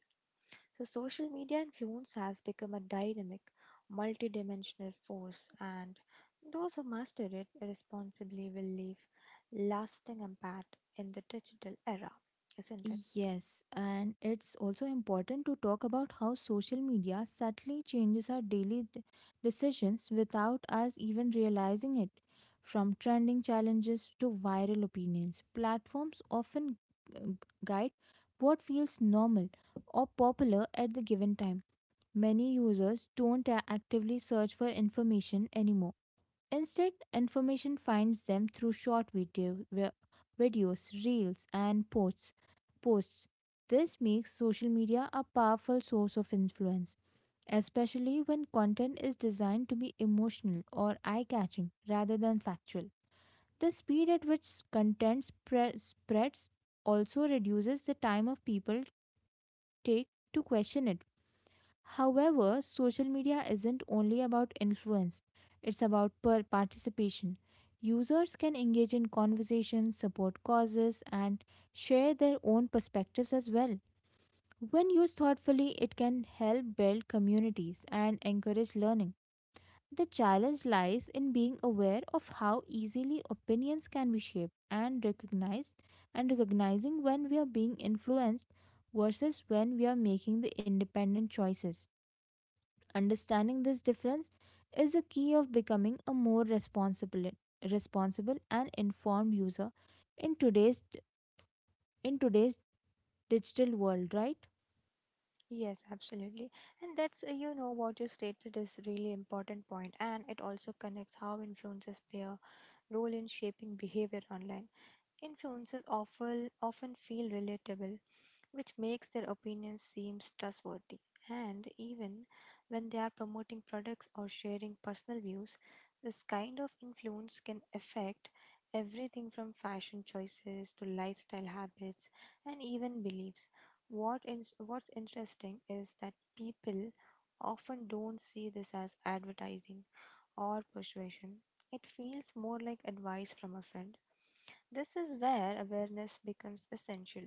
[SPEAKER 1] So, social media influence has become a dynamic, multidimensional force, and those who master it responsibly will leave lasting impact in the digital era, isn't it?
[SPEAKER 2] Yes, and it's also important to talk about how social media subtly changes our daily decisions without us even realizing it. From trending challenges to viral opinions, platforms often g- guide what feels normal or popular at the given time. Many users don't actively search for information anymore. Instead, information finds them through videos, reels, and posts. This makes social media a powerful source of influence, especially when content is designed to be emotional or eye-catching rather than factual. The speed at which content spreads also reduces the time of people take to question it. However, social media isn't only about influence, it's about participation. Users can engage in conversations, support causes, and share their own perspectives as well. When used thoughtfully, it can help build communities and encourage learning. The challenge lies in being aware of how easily opinions can be shaped and recognizing when we are being influenced versus when we are making the independent choices. Understanding this difference is the key of becoming a more responsible responsible and informed user in today's in today's digital world, right?
[SPEAKER 1] Yes, absolutely. And that's what you stated is really important point, and it also connects how influencers play a role in shaping behavior online. Influencers often feel relatable, which makes their opinions seem trustworthy. And even when they are promoting products or sharing personal views, this kind of influence can affect everything from fashion choices to lifestyle habits and even beliefs. What's interesting is that people often don't see this as advertising or persuasion. It feels more like advice from a friend. This is where awareness becomes essential.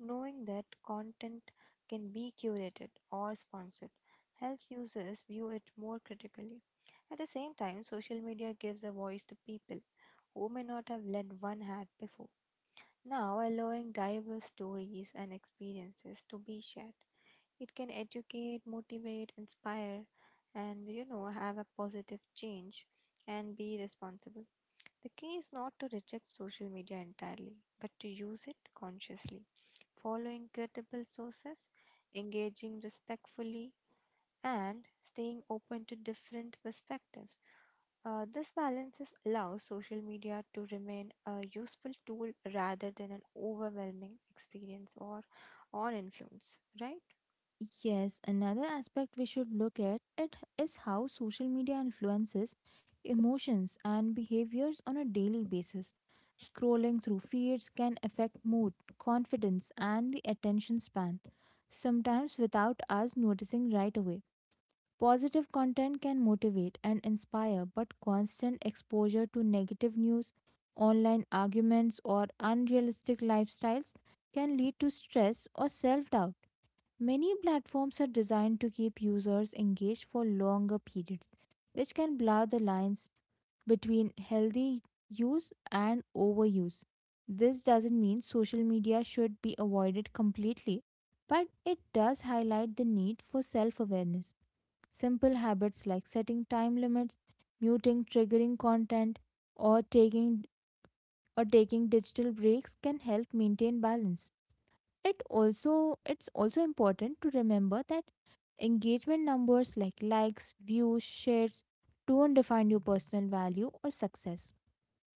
[SPEAKER 1] Knowing that content can be curated or sponsored helps users view it more critically. At the same time, social media gives a voice to people who may not have led one hat before, now allowing diverse stories and experiences to be shared. It can educate, motivate, inspire, and you know, have a positive change and be responsible. The key is not to reject social media entirely, but to use it consciously, following credible sources, engaging respectfully, and staying open to different perspectives. This balances allows social media to remain a useful tool rather than an overwhelming experience or influence, right?
[SPEAKER 2] Yes, another aspect we should look at it is how social media influences emotions and behaviors on a daily basis. Scrolling through feeds can affect mood, confidence, and the attention span, sometimes without us noticing right away. Positive content can motivate and inspire, but constant exposure to negative news, online arguments, or unrealistic lifestyles can lead to stress or self doubt. Many platforms are designed to keep users engaged for longer periods, which can blur the lines between healthy use and overuse. This doesn't mean social media should be avoided completely, but it does highlight the need for self awareness. Simple habits like setting time limits, muting triggering content, or taking or taking digital breaks can help maintain balance. It's also important to remember that engagement numbers like likes, views, shares don't define your personal value or success.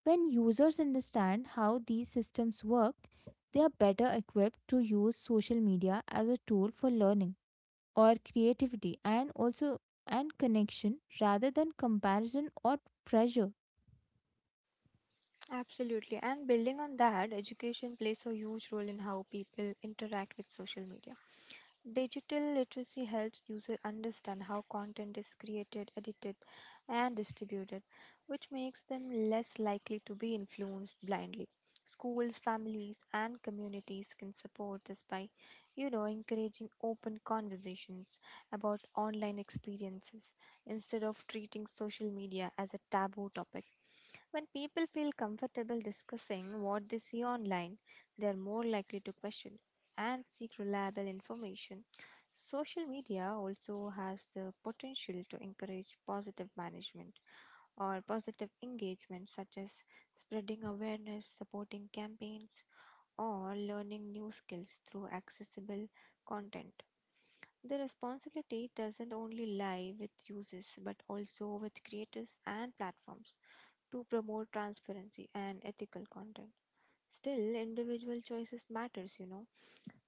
[SPEAKER 2] When users understand how these systems work, they are better equipped to use social media as a tool for learning or creativity, and connection rather than comparison or pressure.
[SPEAKER 1] Absolutely. And building on that, education plays a huge role in how people interact with social media. Digital literacy helps users understand how content is created, edited, and distributed, which makes them less likely to be influenced blindly. Schools, families, and communities can support this by, you know, encouraging open conversations about online experiences instead of treating social media as a taboo topic. When people feel comfortable discussing what they see online, they are more likely to question and seek reliable information. Social media also has the potential to encourage positive management or positive engagement, such as spreading awareness, supporting campaigns, or learning new skills through accessible content. The responsibility doesn't only lie with users but also with creators and platforms to promote transparency and ethical content. Still, individual choices matters, you know,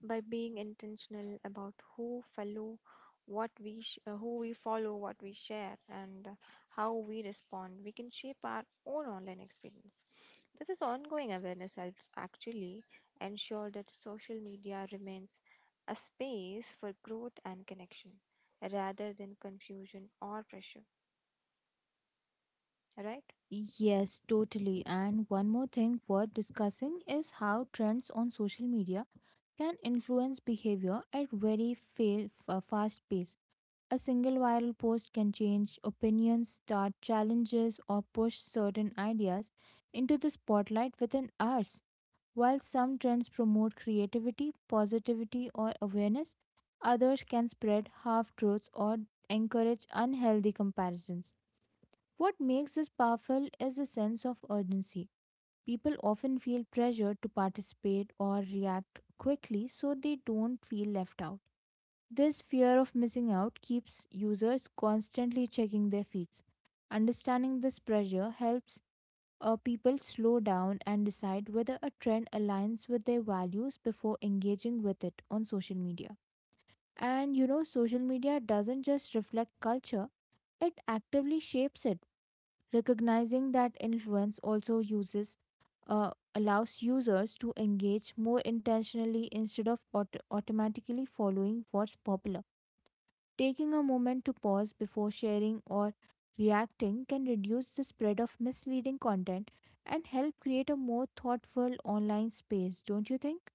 [SPEAKER 1] by being intentional about who we follow, what we share, and how we respond, we can shape our own online experience. This is ongoing awareness helps actually ensure that social media remains a space for growth and connection rather than confusion or pressure, right?
[SPEAKER 2] Yes, totally, and one more thing worth discussing is how trends on social media can influence behavior at very fast pace. A single viral post can change opinions, start challenges, or push certain ideas into the spotlight within hours. While some trends promote creativity, positivity, or awareness, others can spread half truths or encourage unhealthy comparisons. What makes this powerful is a sense of urgency. People often feel pressured to participate or react quickly so they don't feel left out. This fear of missing out keeps users constantly checking their feeds. Understanding this pressure helps people slow down and decide whether a trend aligns with their values before engaging with it on social media. And you know, social media doesn't just reflect culture, it actively shapes it. Recognizing that influence also uses allows users to engage more intentionally instead of automatically following what's popular. Taking a moment to pause before sharing or reacting can reduce the spread of misleading content and help create a more thoughtful online space, don't you think?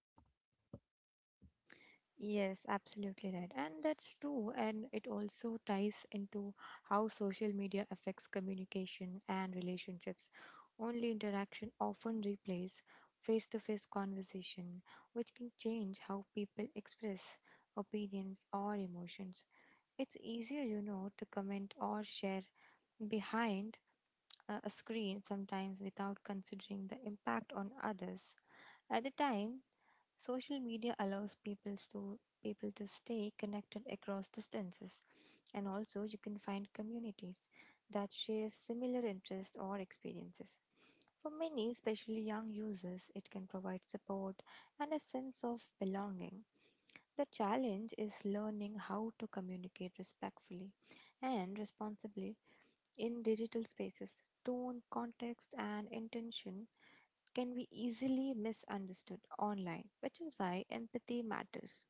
[SPEAKER 1] Yes, absolutely right. And that's true. And it also ties into how social media affects communication and relationships. Only interaction often replaces face to face conversation, which can change how people express opinions or emotions. It's easier, you know, to comment or share behind a screen sometimes without considering the impact on others. At the time, social media allows people to stay connected across distances, and also you can find communities that share similar interests or experiences. For many, especially young users, it can provide support and a sense of belonging. The challenge is learning how to communicate respectfully and responsibly in digital spaces. Tone, context, and intention can be easily misunderstood online, which is why empathy matters.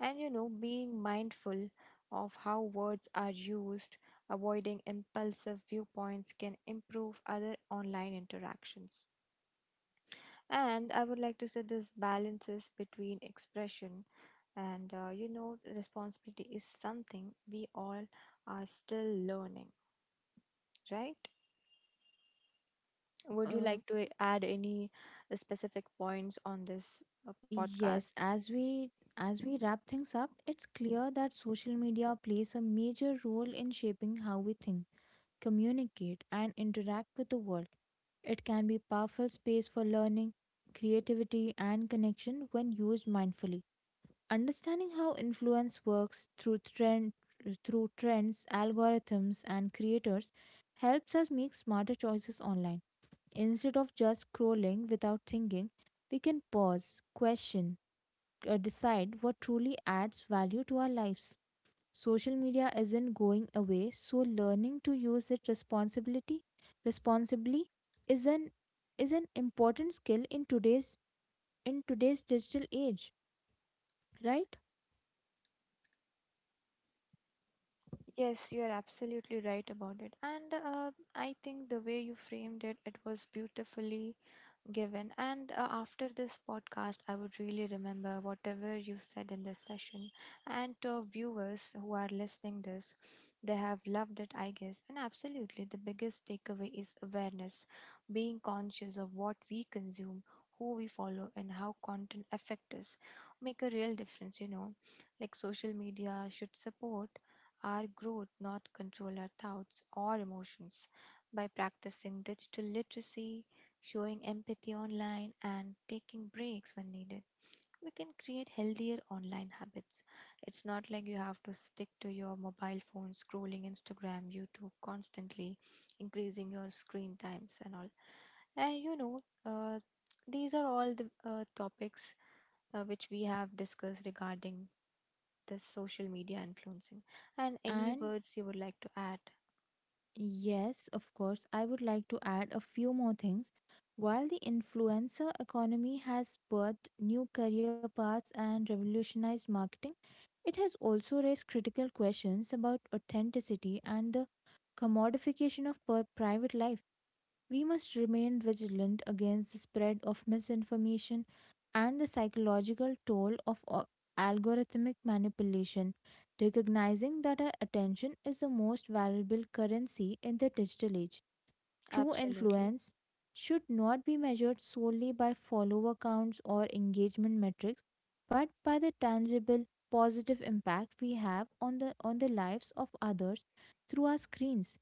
[SPEAKER 1] And you know, being mindful of how words are used, avoiding impulsive viewpoints can improve other online interactions. And I would like to say this balances between expression and you know, responsibility is something we all are still learning, right? Would you like
[SPEAKER 2] Uh,
[SPEAKER 1] to add any specific points on this podcast?
[SPEAKER 2] yes, as we wrap things up, it's clear that social media plays a major role in shaping how we think, communicate, and interact with the world. It can be a powerful space for learning, creativity, and connection when used mindfully. Understanding how influence works through trends, algorithms and creators helps us make smarter choices online. Instead of just scrolling without thinking, we can pause, question, decide what truly adds value to our lives. Social media isn't going away, so learning to use it responsibility responsibly is an is an important skill in today's digital age, right?
[SPEAKER 1] Yes, you're absolutely right about it. And I think the way you framed it, it was beautifully given. And after this podcast, I would really remember whatever you said in this session. And to viewers who are listening this, they have loved it, I guess. And absolutely, the biggest takeaway is awareness, being conscious of what we consume, who we follow, and how content affect us. Make a real difference, you know. Like social media should support our growth, not control our thoughts or emotions by practicing digital literacy, showing empathy online, and taking breaks when needed. We can create healthier online habits. It's not like you have to stick to your mobile phone, scrolling Instagram, YouTube constantly, increasing your screen times and all. And you know, these are all the topics which we have discussed regarding this social media influencing. And any
[SPEAKER 2] And
[SPEAKER 1] words you would like to add?
[SPEAKER 2] yes, of course. I would like to add a few more things. While the influencer economy has birthed new career paths and revolutionized marketing, it has also raised critical questions about authenticity and the commodification of private life. We must remain vigilant against the spread of misinformation and the psychological toll of algorithmic manipulation, recognizing that our attention is the most valuable currency in the digital age. True
[SPEAKER 1] Absolutely.
[SPEAKER 2] influence should not be measured solely by follower counts or engagement metrics, but by the tangible positive impact we have on the lives of others through our screens.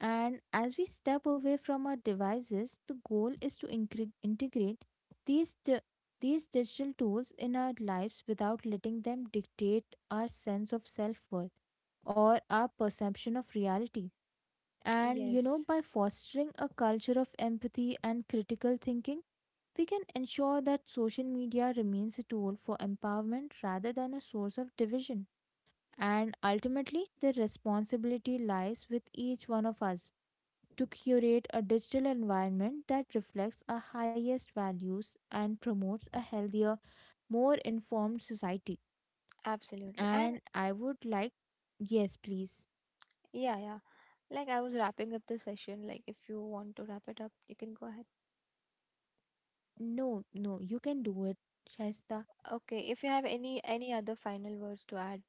[SPEAKER 2] And as we step away from our devices, the goal is to integrate these, di- these digital tools in our lives without letting them dictate our sense of self worth or our perception of reality. And you know,
[SPEAKER 1] Yes,
[SPEAKER 2] by fostering a culture of empathy and critical thinking, we can ensure that social media remains a tool for empowerment rather than a source of division. And ultimately, the responsibility lies with each one of us to curate a digital environment that reflects our highest values and promotes a healthier, more informed society.
[SPEAKER 1] absolutely. And
[SPEAKER 2] And I would like, yes, please.
[SPEAKER 1] yeah, yeah. Like I was wrapping up the session. Like if you want to wrap it up, you can go ahead.
[SPEAKER 2] No, no, you can do it, Shaista.
[SPEAKER 1] Okay, if you have any other final words to add.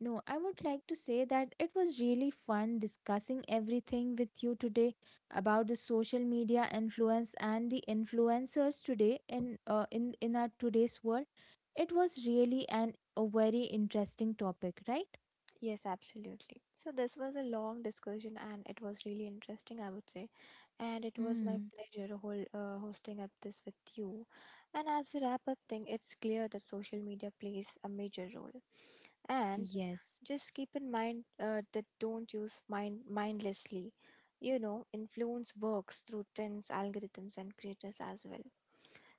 [SPEAKER 2] No, I would like to say that it was really fun discussing everything with you today about the social media influence and the influencers today in in our today's world. It was really an a very interesting topic, right?
[SPEAKER 1] Yes, absolutely. So, this was a long discussion and it was really interesting, I would say. And it was my
[SPEAKER 2] Hmm.
[SPEAKER 1] pleasure whole, hosting up this with you. And as we wrap up thing, it's clear that social media plays a major role. And
[SPEAKER 2] Yes,
[SPEAKER 1] just keep in mind that don't use mind mindlessly. You know, influence works through trends, algorithms, and creators as well.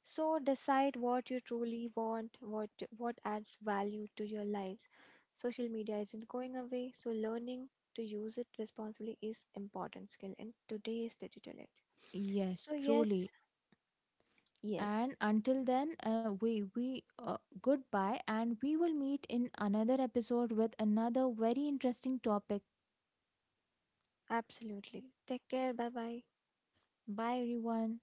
[SPEAKER 1] So decide what you truly want, what adds value to your lives. Social media isn't going away, so learning to use it responsibly is important skill in today's digital age.
[SPEAKER 2] yes,
[SPEAKER 1] So yes,
[SPEAKER 2] truly.
[SPEAKER 1] yes,
[SPEAKER 2] And until then, we goodbye, and we will meet in another episode with another very interesting topic.
[SPEAKER 1] absolutely. Take care. Bye bye.
[SPEAKER 2] Bye, everyone.